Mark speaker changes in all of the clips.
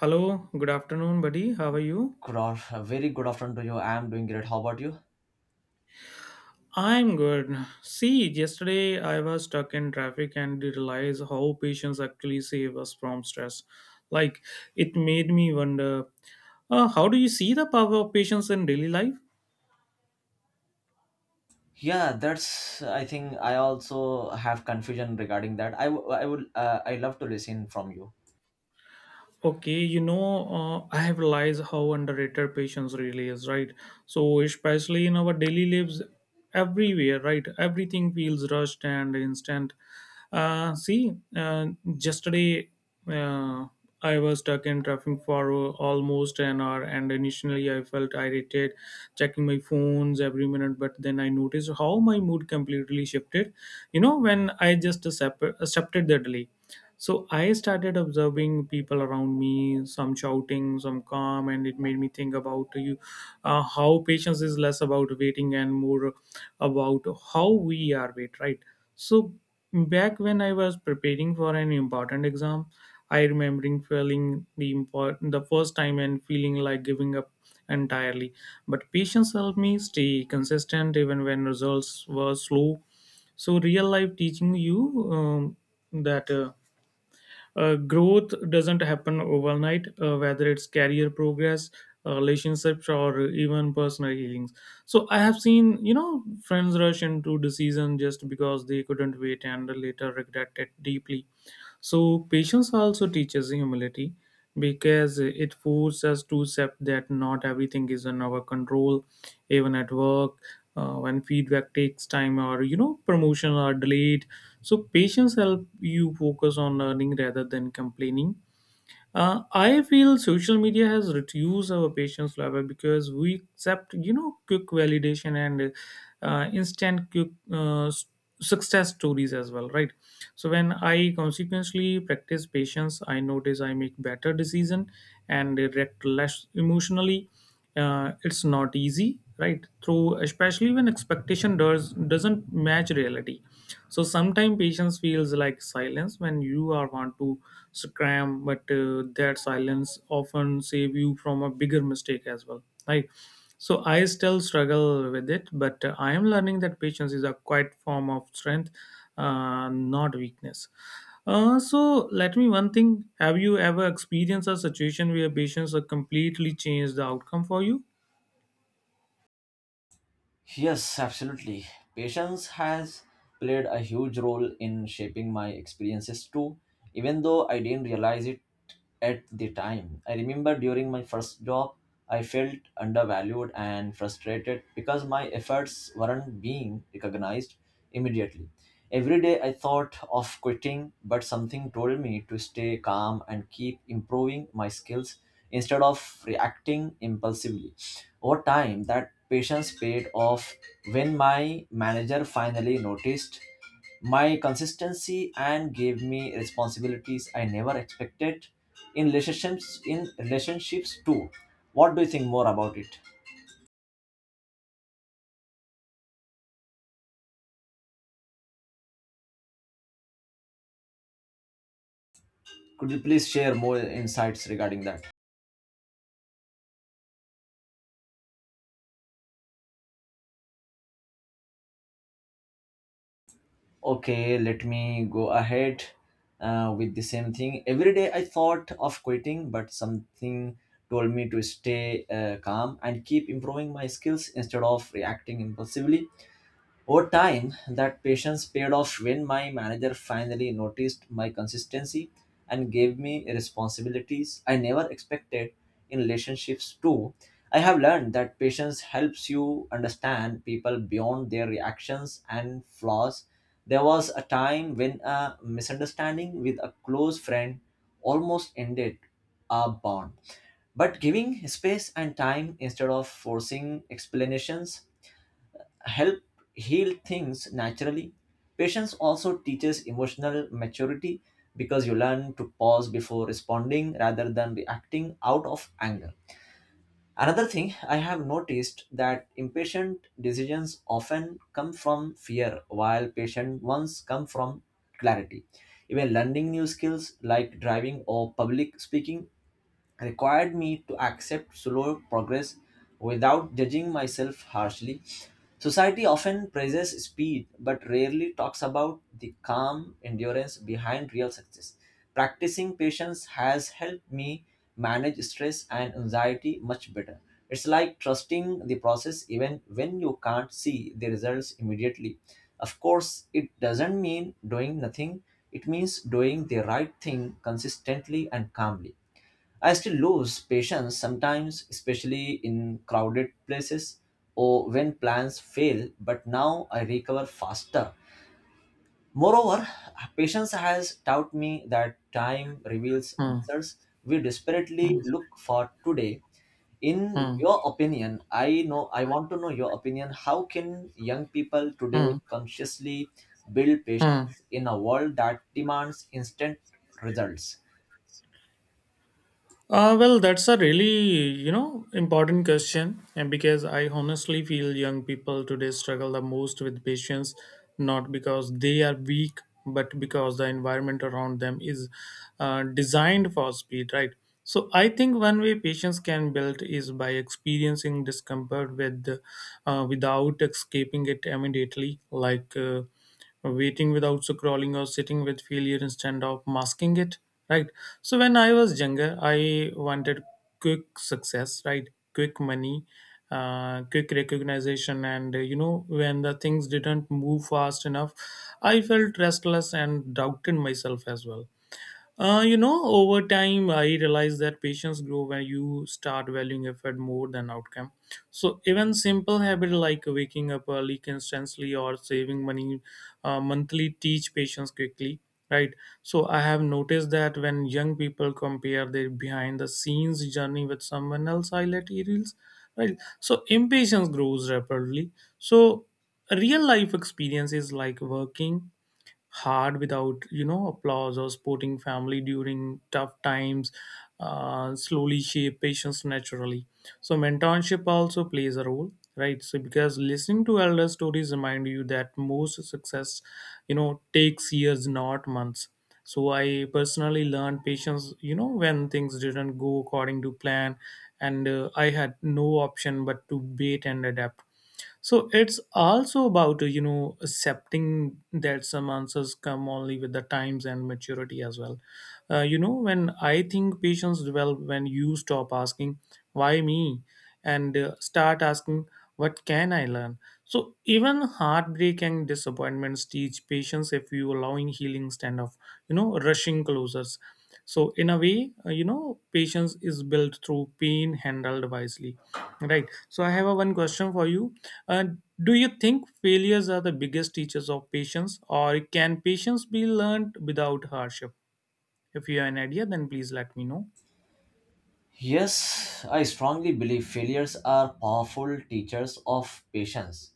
Speaker 1: Hello, good afternoon, buddy. How are you?
Speaker 2: A very good afternoon to you. I am doing great. How about you?
Speaker 1: I'm good. See, yesterday I was stuck in traffic and did realize how patience actually save us from stress. Like, it made me wonder, how do you see the power of patience in daily life?
Speaker 2: Yeah, that's. I think I also have confusion regarding that. I, w- I would. I love to listen from you.
Speaker 1: Okay, you know, I have realized how underrated patience really is, right? So, especially in our daily lives, everywhere, right? Everything feels rushed and instant. See, yesterday uh, I was stuck in traffic for almost an hour, and initially I felt irritated, checking my phones every minute. But then I noticed how my mood completely shifted. You know, when I just accepted the delay, so I started observing people around me, some shouting, some calm, and it made me think about you how patience is less about waiting and more about how we are wait, right? So back when I was preparing for an important exam, I remembering feeling the important the first time and feeling like giving up entirely. But patience helped me stay consistent even when results were slow, so real life teaching you that growth doesn't happen overnight, whether it's career progress, relationships, or even personal healings. So I have seen, you know, friends rush into decision just because they couldn't wait and later regret it deeply. So, patience also teaches humility because it forces us to accept that not everything is in our control, even at work, when feedback takes time or you know promotion are delayed. So, patience help you focus on learning rather than complaining. I feel social media has reduced our patience level because we accept, you know, quick validation and instant quick success stories as well, right? So when I consequently practice patience, I notice I make better decision and react less emotionally. It's not easy right through, especially when expectation doesn't match reality. So sometimes patience feels like silence when you are want to scram, but that silence often save you from a bigger mistake as well, right? So I still struggle with it, but I am learning that patience is a quiet form of strength, not weakness. So let me one thing. Have you ever experienced a situation where patients have completely changed the outcome for you?
Speaker 2: Yes, absolutely. Patience has played a huge role in shaping my experiences too, even though I didn't realize it at the time. I remember during my first job, I felt undervalued and frustrated because my efforts weren't being recognized immediately. Every day I thought of quitting, but something told me to stay calm and keep improving my skills instead of reacting impulsively. Over time, that patience paid off when my manager finally noticed my consistency and gave me responsibilities I never expected in relationships too. What do you think more about it? Could you please share more insights regarding that? Okay, let me go ahead with the same thing. Every day I thought of quitting, but something told me to stay calm and keep improving my skills instead of reacting impulsively. Over time, that patience paid off when my manager finally noticed my consistency and gave me responsibilities I never expected in relationships too. I have learned that patience helps you understand people beyond their reactions and flaws. There was a time when a misunderstanding with a close friend almost ended our bond. But giving space and time instead of forcing explanations help heal things naturally. Patience also teaches emotional maturity because you learn to pause before responding rather than reacting out of anger. Another thing I have noticed that impatient decisions often come from fear while patient ones come from clarity. Even learning new skills like driving or public speaking required me to accept slow progress without judging myself harshly. Society often praises speed but rarely talks about the calm endurance behind real success. Practicing patience has helped me manage stress and anxiety much better. It's like trusting the process even when you can't see the results immediately. Of course, it doesn't mean doing nothing, it means doing the right thing consistently and calmly. I still lose patience sometimes, especially in crowded places or when plans fail, but now I recover faster. Moreover, patience has taught me that time reveals
Speaker 1: Hmm.
Speaker 2: answers we
Speaker 1: Hmm.
Speaker 2: desperately look for today. In
Speaker 1: Hmm.
Speaker 2: your opinion, I know I want to know your opinion. How can young people today
Speaker 1: Hmm.
Speaker 2: consciously build
Speaker 1: Hmm.
Speaker 2: patience in a world that demands instant results?
Speaker 1: Well, that's a really, you know, important question, and because I honestly feel young people today struggle the most with patience, not because they are weak, but because the environment around them is designed for speed, right? So I think one way patience can build is by experiencing discomfort with, without escaping it immediately, like. Waiting without so crawling or sitting with failure instead of masking it, right? So when I was younger I wanted quick success, right, quick money, quick recognition, and you know, when the things didn't move fast enough, I felt restless and doubted myself as well. You know, over time, I realized that patience grow when you start valuing effort more than outcome. So even simple habit like waking up early constantly or saving money monthly teach patience quickly, right? So I have noticed that when young people compare their behind the scenes journey with someone else, highlight reels, right? So impatience grows rapidly. So real life experiences like working hard without you know applause or supporting family during tough times slowly shape patience naturally. So mentorship also plays a role, right? So because listening to elder stories remind you that most success, you know, takes years, not months. So I personally learned patience, you know, when things didn't go according to plan, and I had no option but to wait and adapt. So it's also about you know, accepting that some answers come only with the times and maturity as well. You know, when I think patience develop when you stop asking why me, and start asking what can I learn. So even heartbreak and disappointments teach patience if you allowing healing stand of, you know, rushing closures. So in a way, you know, patience is built through pain handled wisely, right? So I have a one question for you. uh, do you think failures are the biggest teachers of patience, or can patience be learned without hardship? If you have an idea, then please let me know.
Speaker 2: Yes, I strongly believe failures are powerful teachers of patience.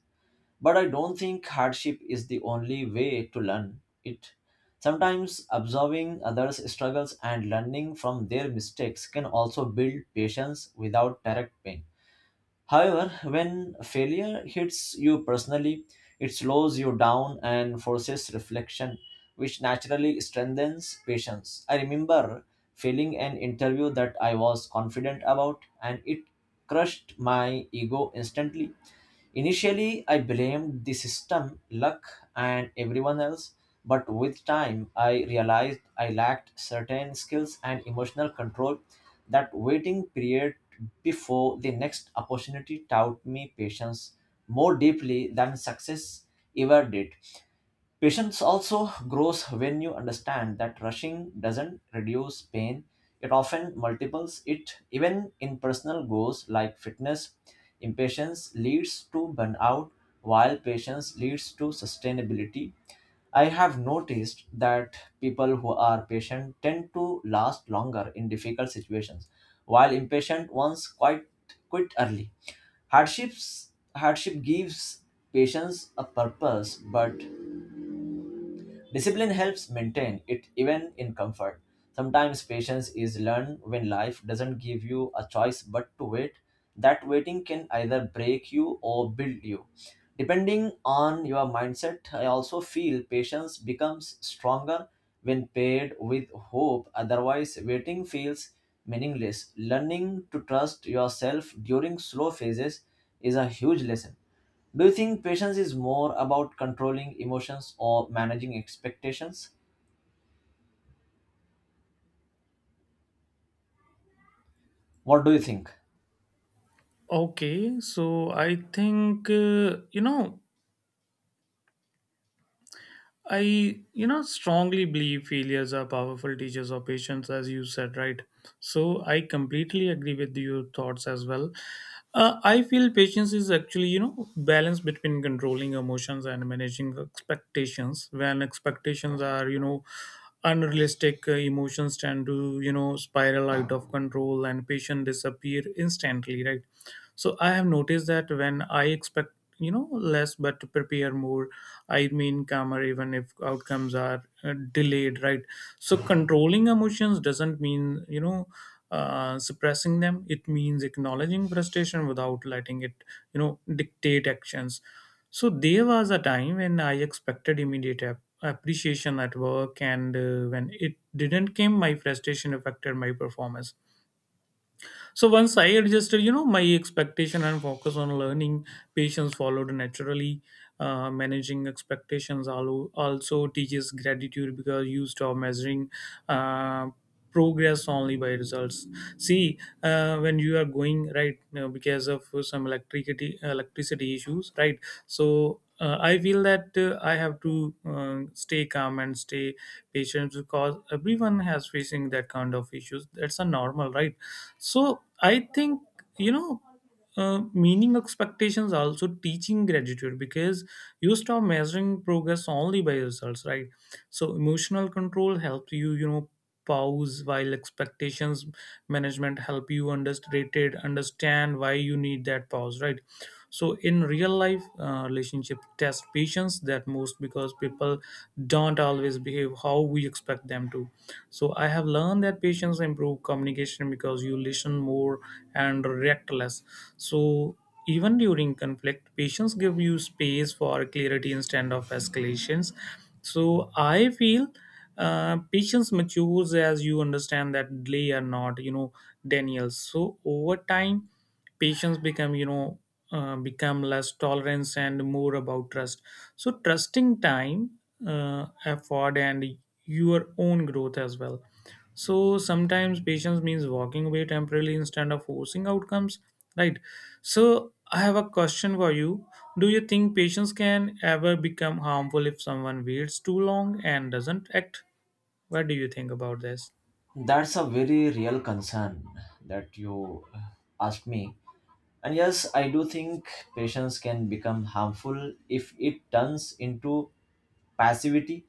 Speaker 2: But I don't think hardship is the only way to learn it. Sometimes observing others' struggles and learning from their mistakes can also build patience without direct pain. However, when failure hits you personally, it slows you down and forces reflection, which naturally strengthens patience. I remember failing an interview that I was confident about, and it crushed my ego instantly. Initially, I blamed the system, luck, and everyone else, but with time, I realized I lacked certain skills and emotional control. That waiting period before the next opportunity taught me patience more deeply than success ever did. Patience also grows when you understand that rushing doesn't reduce pain, it often multiples it. Even in personal goals like fitness, impatience leads to burnout, while patience leads to sustainability. I have noticed that people who are patient tend to last longer in difficult situations, while impatient ones quit early. Hardship gives patience a purpose, but discipline helps maintain it even in comfort. Sometimes patience is learned when life doesn't give you a choice but to wait. That waiting can either break you or build you. Depending on your mindset, I also feel patience becomes stronger when paired with hope. Otherwise, waiting feels meaningless. Learning to trust yourself during slow phases is a huge lesson. Do you think patience is more about controlling emotions or managing expectations? What do you think?
Speaker 1: Okay, so I think, you know, I, you know, strongly believe failures are powerful teachers of patience, as you said, right? So I completely agree with your thoughts as well. I feel patience is actually, you know, balance between controlling emotions and managing expectations. When expectations are, you know, unrealistic, emotions tend to, you know, spiral out of control and patience disappear instantly, right? So I have noticed that when I expect, you know, less but to prepare more, I mean calmer even if outcomes are delayed, right? So controlling emotions doesn't mean, you know, suppressing them. It means acknowledging frustration without letting it, you know, dictate actions. So there was a time when I expected immediate appreciation at work, and when it didn't came, my frustration affected my performance. So once I adjusted, you know, my expectation and focus on learning, patience followed naturally. Managing expectations also teaches gratitude because you stop measuring uh, progress only by results. See, when you are going right now because of some electricity issues, right? So I feel that I have to stay calm and stay patient because everyone has facing that kind of issues. That's a normal, right? So I think, you know, meaning expectations also teaching gratitude because you stop measuring progress only by results, right? So emotional control helps you, you know, pause, while expectations management help you understand why you need that pause, right? So in real life relationship test patience that most because people don't always behave how we expect them to. So I have learned that patience improve communication because you listen more and react less. So even during conflict patience give you space for clarity instead of escalations. So I feel patience matures as you understand that delay are not, you know, daniels. So over time patients become, you know, become less tolerance and more about trust. So trusting time, effort, and your own growth as well. So sometimes patience means walking away temporarily instead of forcing outcomes, right? So I have a question for you. Do you think patience can ever become harmful if someone waits too long and doesn't act? What do you think about this?
Speaker 2: That's a very real concern that you asked me. And yes, I do think patience can become harmful if it turns into passivity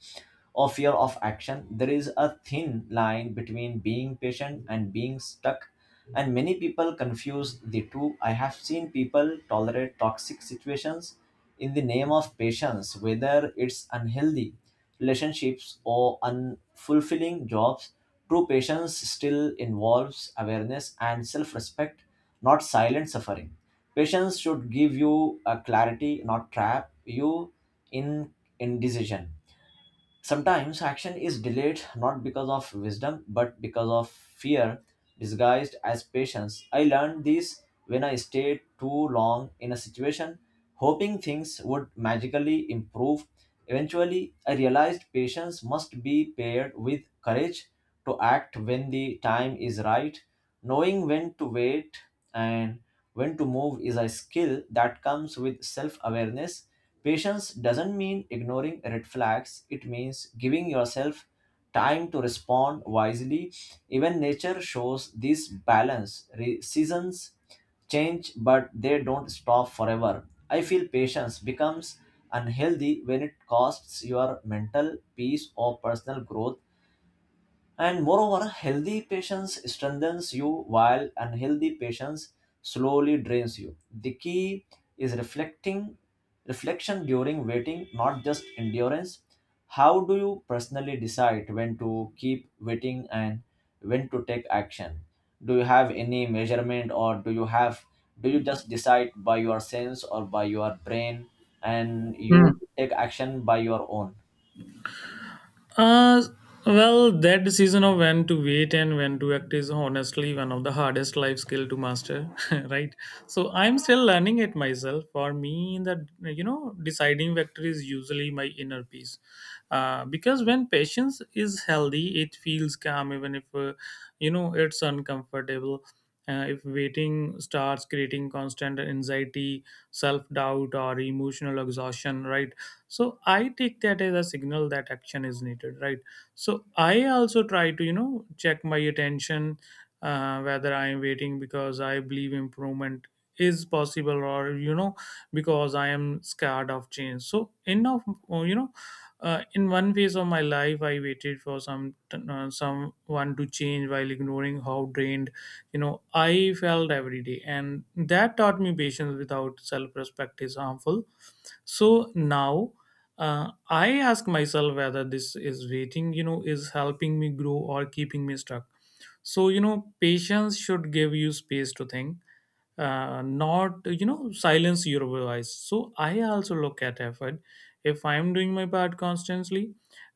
Speaker 2: or fear of action. There is a thin line between being patient and being stuck, and many people confuse the two. I have seen people tolerate toxic situations in the name of patience, whether it's unhealthy relationships or unfulfilling jobs. True patience still involves awareness and self respect, not silent suffering. Patience should give you a clarity, not trap you in indecision. Sometimes action is delayed not because of wisdom but because of fear disguised as patience. I learned this when I stayed too long in a situation, hoping things would magically improve. Eventually, I realized patience must be paired with courage to act when the time is right, knowing when to wait and when to move is a skill that comes with self awareness. Patience doesn't mean ignoring red flags, it means giving yourself time to respond wisely. Even nature shows this balance. Seasons change, but they don't stop forever. I feel patience becomes unhealthy when it costs your mental peace or personal growth and moreover, healthy patience strengthens you while unhealthy patience slowly drains you. The key is reflecting reflection during waiting, not just endurance. How do you personally decide when to keep waiting and when to take action? Do you have any measurement or do you just decide by your sense or by your brain and you take action by your own?
Speaker 1: Uh, well, that decision of when to wait and when to act is honestly one of the hardest life skill to master, right? So I'm still learning it myself. For me, the you know deciding factor is usually my inner peace, because when patience is healthy, it feels calm even if you know it's uncomfortable. If waiting starts creating constant anxiety, self doubt, or emotional exhaustion, right? So I take that as a signal that action is needed, right? So I also try to, you know, check my attention, whether I am waiting because I believe improvement is possible, or you know because I am scared of change. So enough, you know, in one phase of my life I waited for some someone to change while ignoring how drained, you know, I felt every day, and that taught me patience without self-respect is harmful. So now, I ask myself whether this is waiting, you know, is helping me grow or keeping me stuck. So you know patience should give you space to think, not you know silence your voice. So I also look at effort. If I'm doing my part constantly,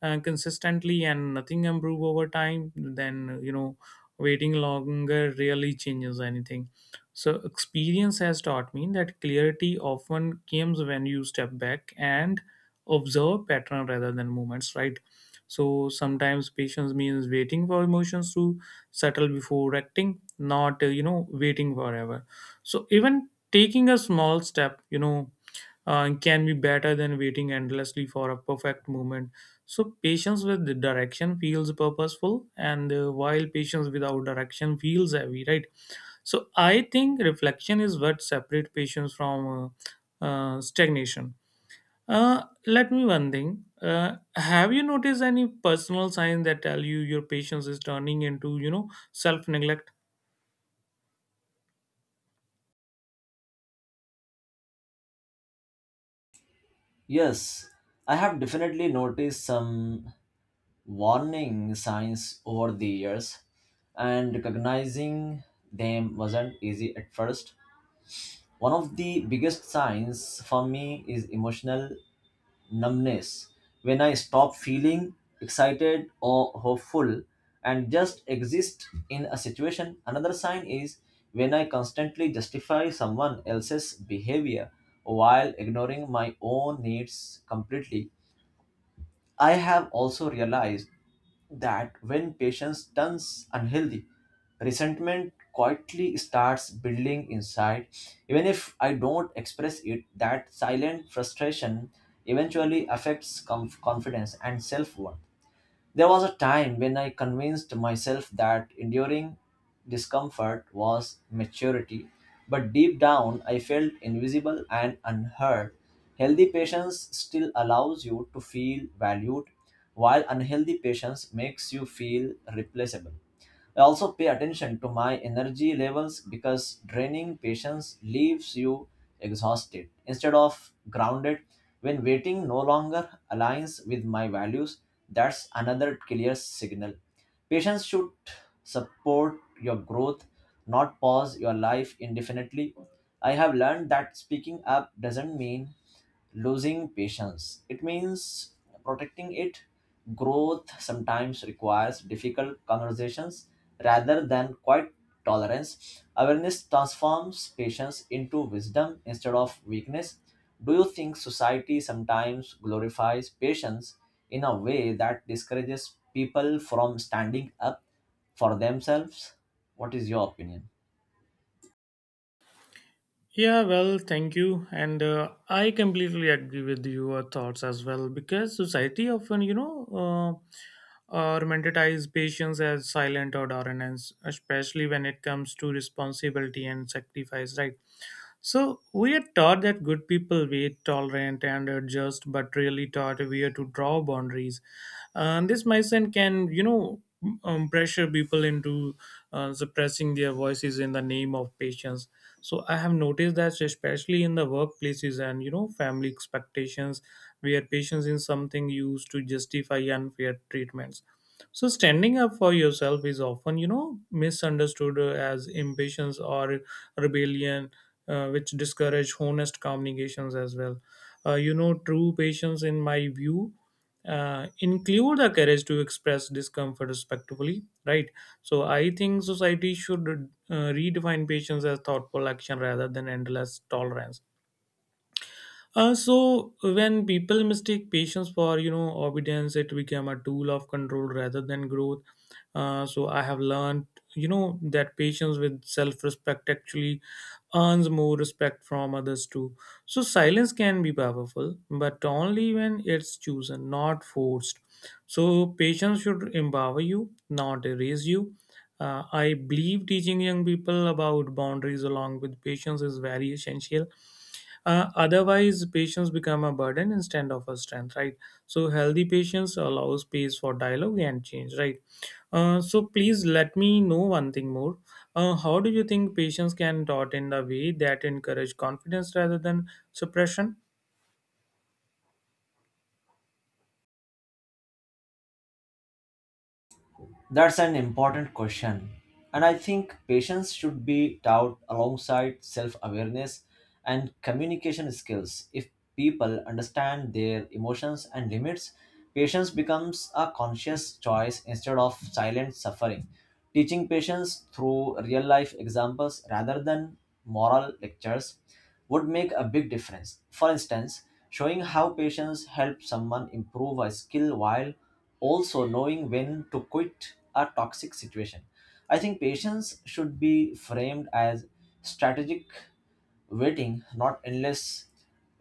Speaker 1: consistently, and nothing improve over time, then you know waiting longer really changes anything. So experience has taught me that clarity often comes when you step back and observe pattern rather than movements, right? So sometimes patience means waiting for emotions to settle before acting, not you know waiting forever. So even taking a small step, you know, can be better than waiting endlessly for a perfect moment. So patience with the direction feels purposeful, and while patience without direction feels heavy, right? So I think reflection is what separates patience from stagnation. Uh, let me one thing. Have you noticed any personal signs that tell you your patience is turning into, you know, self neglect?
Speaker 2: Yes, I have definitely noticed some warning signs over the years, and recognizing them wasn't easy at first. One of the biggest signs for me is emotional numbness. When I stop feeling excited or hopeful and just exist in a situation, another sign is when I constantly justify someone else's behavior while ignoring my own needs completely. I have also realized that when patience turns unhealthy, resentment quietly starts building inside. Even if I don't express it, that silent frustration eventually affects confidence and self worth. There was a time when I convinced myself that enduring discomfort was maturity, but deep down I felt invisible and unheard. Healthy patience still allows you to feel valued, while unhealthy patience makes you feel replaceable. I also pay attention to my energy levels because draining patience leaves you exhausted instead of grounded. When waiting no longer aligns with my values, that's another clear signal. Patience should support your growth, not pause your life indefinitely. I have learned that speaking up doesn't mean losing patience. It means protecting it. Growth sometimes requires difficult conversations rather than quiet tolerance. Awareness transforms patience into wisdom instead of weakness. Do you think society sometimes glorifies patience in a way that discourages people from standing up for themselves? What is your opinion?
Speaker 1: Yeah, well, thank you. And I completely agree with your thoughts as well because society often, you know, romanticize patience as silent or dominance, especially when it comes to responsibility and sacrifice, right? So we are taught that good people wait, tolerant, and are just, but really taught where to draw boundaries. And this mindset can, pressure people into suppressing their voices in the name of patience. So I have noticed that especially in the workplaces and you know family expectations, where patience is something used to justify unfair treatments, so standing up for yourself is often, you know, misunderstood as impatience or rebellion, which discourage honest communications as well. You know, true patience, in my view, include the courage to express discomfort respectfully, right? So I think society should redefine patience as thoughtful action rather than endless tolerance. So when people mistake patience for you know obedience, it became a tool of control rather than growth. So I have learned, you know, that patience with self-respect actually earns more respect from others too. So silence can be powerful, but only when it's chosen, not forced. So patience should empower you, not erase you. I believe teaching young people about boundaries along with patience is very essential. Otherwise, patients become a burden instead of a strength, right? So, healthy patients allow space for dialogue and change, right? So, please let me know one thing more. How do you think patients can taught in the way that encourage confidence rather than suppression?
Speaker 2: That's an important question. And I think patience should be taught alongside self awareness and communication skills. If people understand their emotions and limits, patience becomes a conscious choice instead of silent suffering. Teaching patience through real life examples rather than moral lectures would make a big difference. For instance, showing how patience helps someone improve a skill while also knowing when to quit a toxic situation. I think patience should be framed as strategic waiting, not endless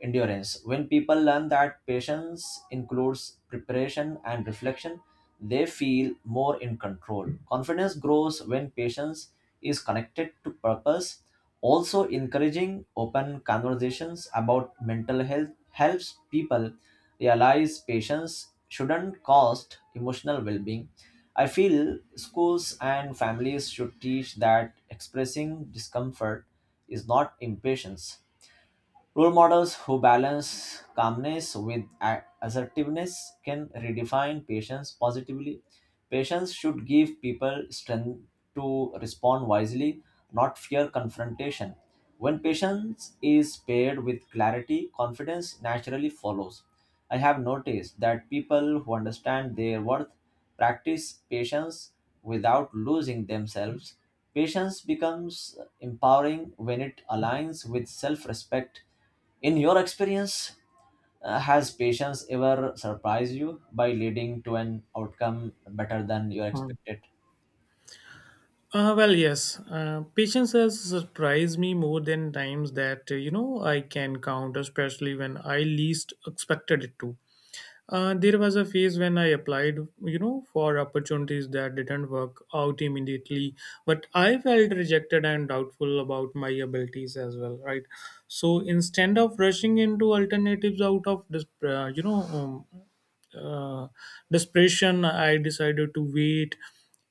Speaker 2: endurance. When people learn that patience includes preparation and reflection, they feel more in control. Confidence grows when patience is connected to purpose. Also, encouraging open conversations about mental health helps people realize patience shouldn't cost emotional well being. I feel schools and families should teach that expressing discomfort is not impatience. Role models who balance calmness with assertiveness can redefine patience positively. Patience should give people strength to respond wisely, not fear confrontation. When patience is paired with clarity, confidence naturally follows. I have noticed that people who understand their worth practice patience without losing themselves. Patience becomes empowering when it aligns with self respect. In your experience, has patience ever surprised you by leading to an outcome better than you
Speaker 1: Hmm.
Speaker 2: expected?
Speaker 1: Well, yes. Patience has surprised me more than times that, you know, I can count, especially when I least expected it to. There was a phase when I applied, you know, for opportunities that didn't work out immediately, but I felt rejected and doubtful about my abilities as well, right? So instead of rushing into alternatives out of this uh, desperation, I decided to wait,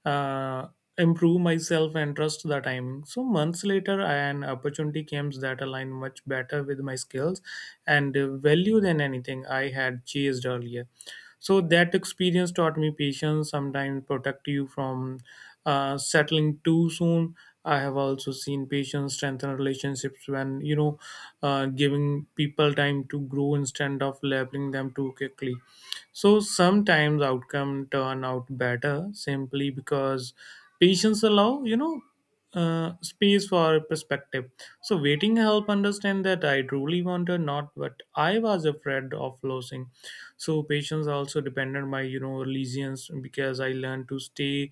Speaker 1: uh, improve myself and trust the timing. So months later an opportunity came that aligned much better with my skills and value than anything I had chased earlier. So that experience taught me patience sometimes protect you from settling too soon. I have also seen patients strengthen relationships when, you know, giving people time to grow instead of labeling them too quickly. So sometimes outcome turn out better simply because patients allow, you know, space for perspective. So waiting help understand that I truly wanted, not what I was afraid of losing. So patience also depended my, you know, resilience because I learned to stay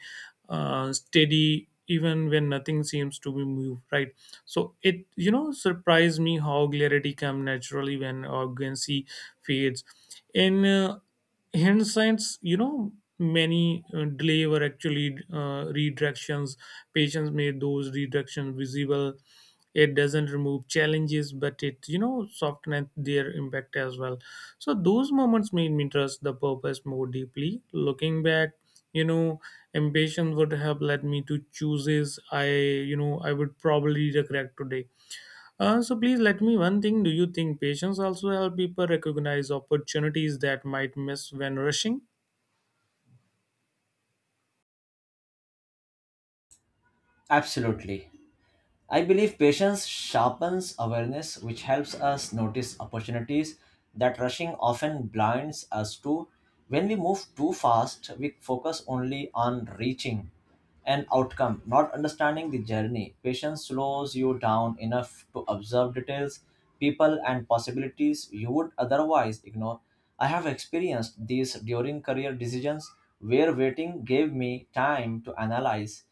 Speaker 1: steady even when nothing seems to be moved, right? So it, you know, surprised me how clarity come naturally when arrogancy fades. In hindsight, you know, many delay were actually redirections. Patients made those redirections visible. It doesn't remove challenges, but it, you know, softens their impact as well. So those moments made me trust the purpose more deeply. Looking back, you know, ambition would have led me to chooses I, you know, I would probably regret today. So please let me one thing, do you think patience also help people recognize opportunities that might miss when rushing?
Speaker 2: Absolutely. I believe patience sharpens awareness, which helps us notice opportunities that rushing often blinds us to. When we move too fast, we focus only on reaching an outcome, not understanding the journey. Patience slows you down enough to observe details, people, and possibilities you would otherwise ignore. I have experienced these during career decisions where waiting gave me time to analyze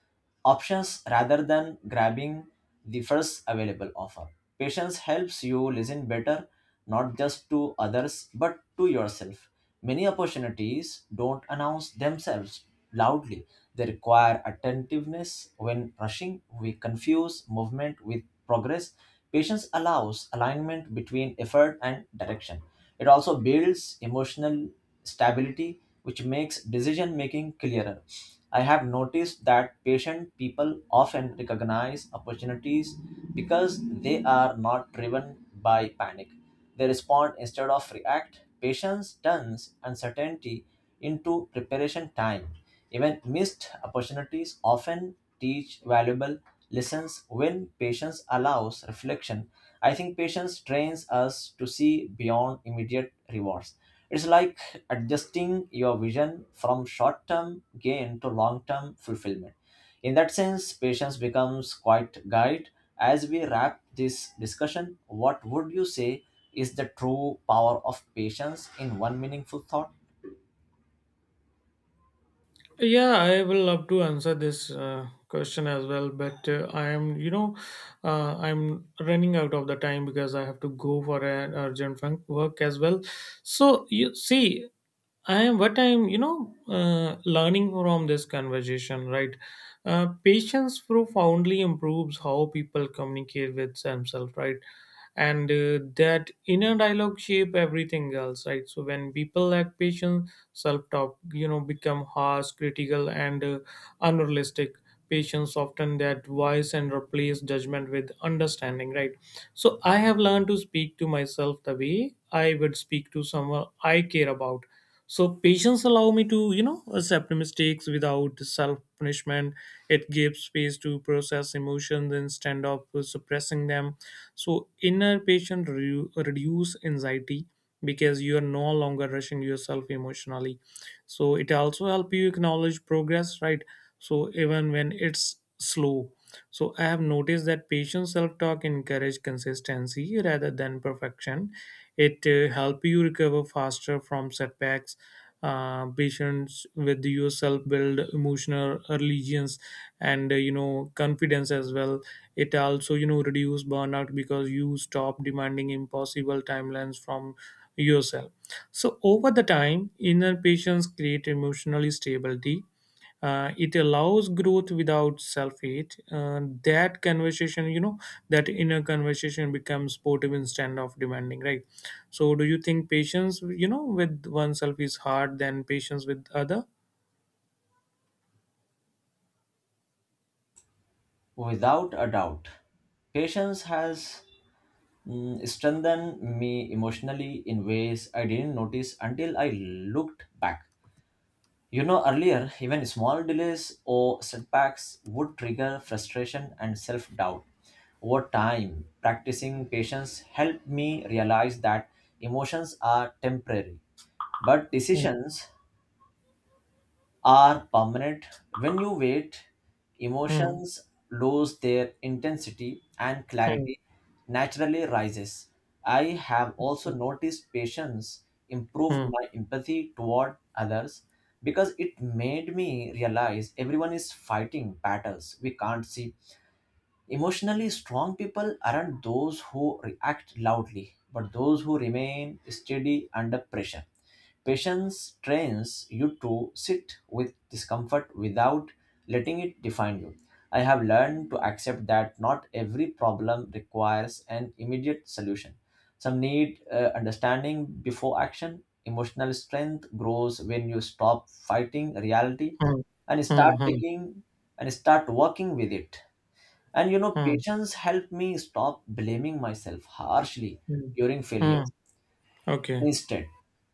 Speaker 2: options rather than grabbing the first available offer. Patience helps you listen better, not just to others, but to yourself. Many opportunities don't announce themselves loudly, they require attentiveness. When rushing, we confuse movement with progress. Patience allows alignment between effort and direction. It also builds emotional stability, which makes decision making clearer. I have noticed that patient people often recognize opportunities because they are not driven by panic. They respond instead of react. Patience turns uncertainty into preparation time. Even missed opportunities often teach valuable lessons when patience allows reflection. I think patience trains us to see beyond immediate rewards. It's like adjusting your vision from short term gain to long term fulfillment. In that sense, patience becomes quite guide. As we wrap this discussion, what would you say is the true power of patience in one meaningful thought?
Speaker 1: Yeah, I will love to answer this question as well, but I am, you know, I'm running out of the time because I have to go for an urgent work as well. So you see, I am what I'm, you know, learning from this conversation, right? Patience profoundly improves how people communicate with themselves, right? And that inner dialogue shape everything else, right? So when people lack patience, self-talk, you know, become harsh, critical, and unrealistic. Patients often that voice and replace judgment with understanding, right? So I have learned to speak to myself the way I would speak to someone I care about. So patience allow me to, you know, accept mistakes without self punishment. It gives space to process emotions instead of suppressing them. So inner patience reduce anxiety because you are no longer rushing yourself emotionally. So it also help you acknowledge progress, right? So even when it's slow. So I have noticed that patient self-talk encourage consistency rather than perfection. It help you recover faster from setbacks. Patients with yourself build emotional religions and you know confidence as well. It also, you know, reduce burnout because you stop demanding impossible timelines from yourself. So, over the time, inner patience create emotionally stability. It allows growth without self-hate. That conversation, you know, that inner conversation becomes supportive instead of demanding, right? So, do you think patience, you know, with oneself is hard than patience with other?
Speaker 2: Without a doubt, patience has strengthened me emotionally in ways I didn't notice until I looked back. You know, earlier, even small delays or setbacks would trigger frustration and self doubt. Over time, practicing patience helped me realize that emotions are temporary, but
Speaker 1: Hmm.
Speaker 2: decisions are permanent. When you wait,
Speaker 1: Hmm.
Speaker 2: emotions lose their intensity and
Speaker 1: Hmm.
Speaker 2: clarity naturally rises. I have also
Speaker 1: Okay.
Speaker 2: noticed patience improved
Speaker 1: Hmm.
Speaker 2: my empathy toward others because it made me realize everyone is fighting battles we can't see. Emotionally strong people aren't those who react loudly, but those who remain steady under pressure. Patience trains you to sit with discomfort without letting it define you. I have learned to accept that not every problem requires an immediate solution. Some need understanding before action. Emotional strength grows when you stop fighting reality
Speaker 1: Hmm.
Speaker 2: and
Speaker 1: Hmm.
Speaker 2: start
Speaker 1: Hmm.
Speaker 2: taking and start working with it. And you know,
Speaker 1: Hmm.
Speaker 2: patience helped me stop blaming myself harshly
Speaker 1: Hmm.
Speaker 2: during
Speaker 1: Hmm.
Speaker 2: failures.
Speaker 1: Okay.
Speaker 2: Instead,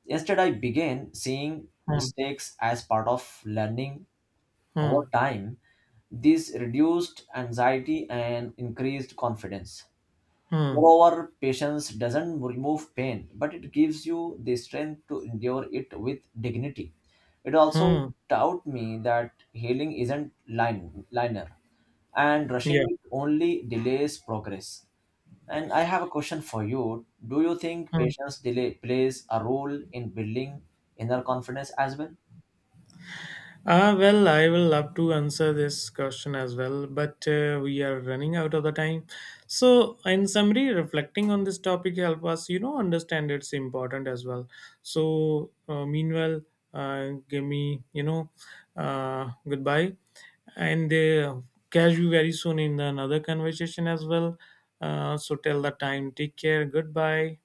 Speaker 2: Instead I began seeing
Speaker 1: Hmm.
Speaker 2: mistakes as part of learning over
Speaker 1: Hmm.
Speaker 2: time. This reduced anxiety and increased confidence.
Speaker 1: Hmm.
Speaker 2: Moreover, patience doesn't remove pain, but it gives you the strength to endure it with dignity. It also
Speaker 1: Hmm.
Speaker 2: taught me that healing isn't linear and
Speaker 1: Yeah.
Speaker 2: rushing it only delays progress. And I have a question for you. Do you think
Speaker 1: Hmm.
Speaker 2: patience delay plays a role in building inner confidence as well?
Speaker 1: Well, I will love to answer this question as well, but we are running out of the time. So, in summary, reflecting on this topic help us, you know, understand it's important as well. So, meanwhile, give me, you know, goodbye, and catch you very soon in another conversation as well. So, till the time, take care. Goodbye.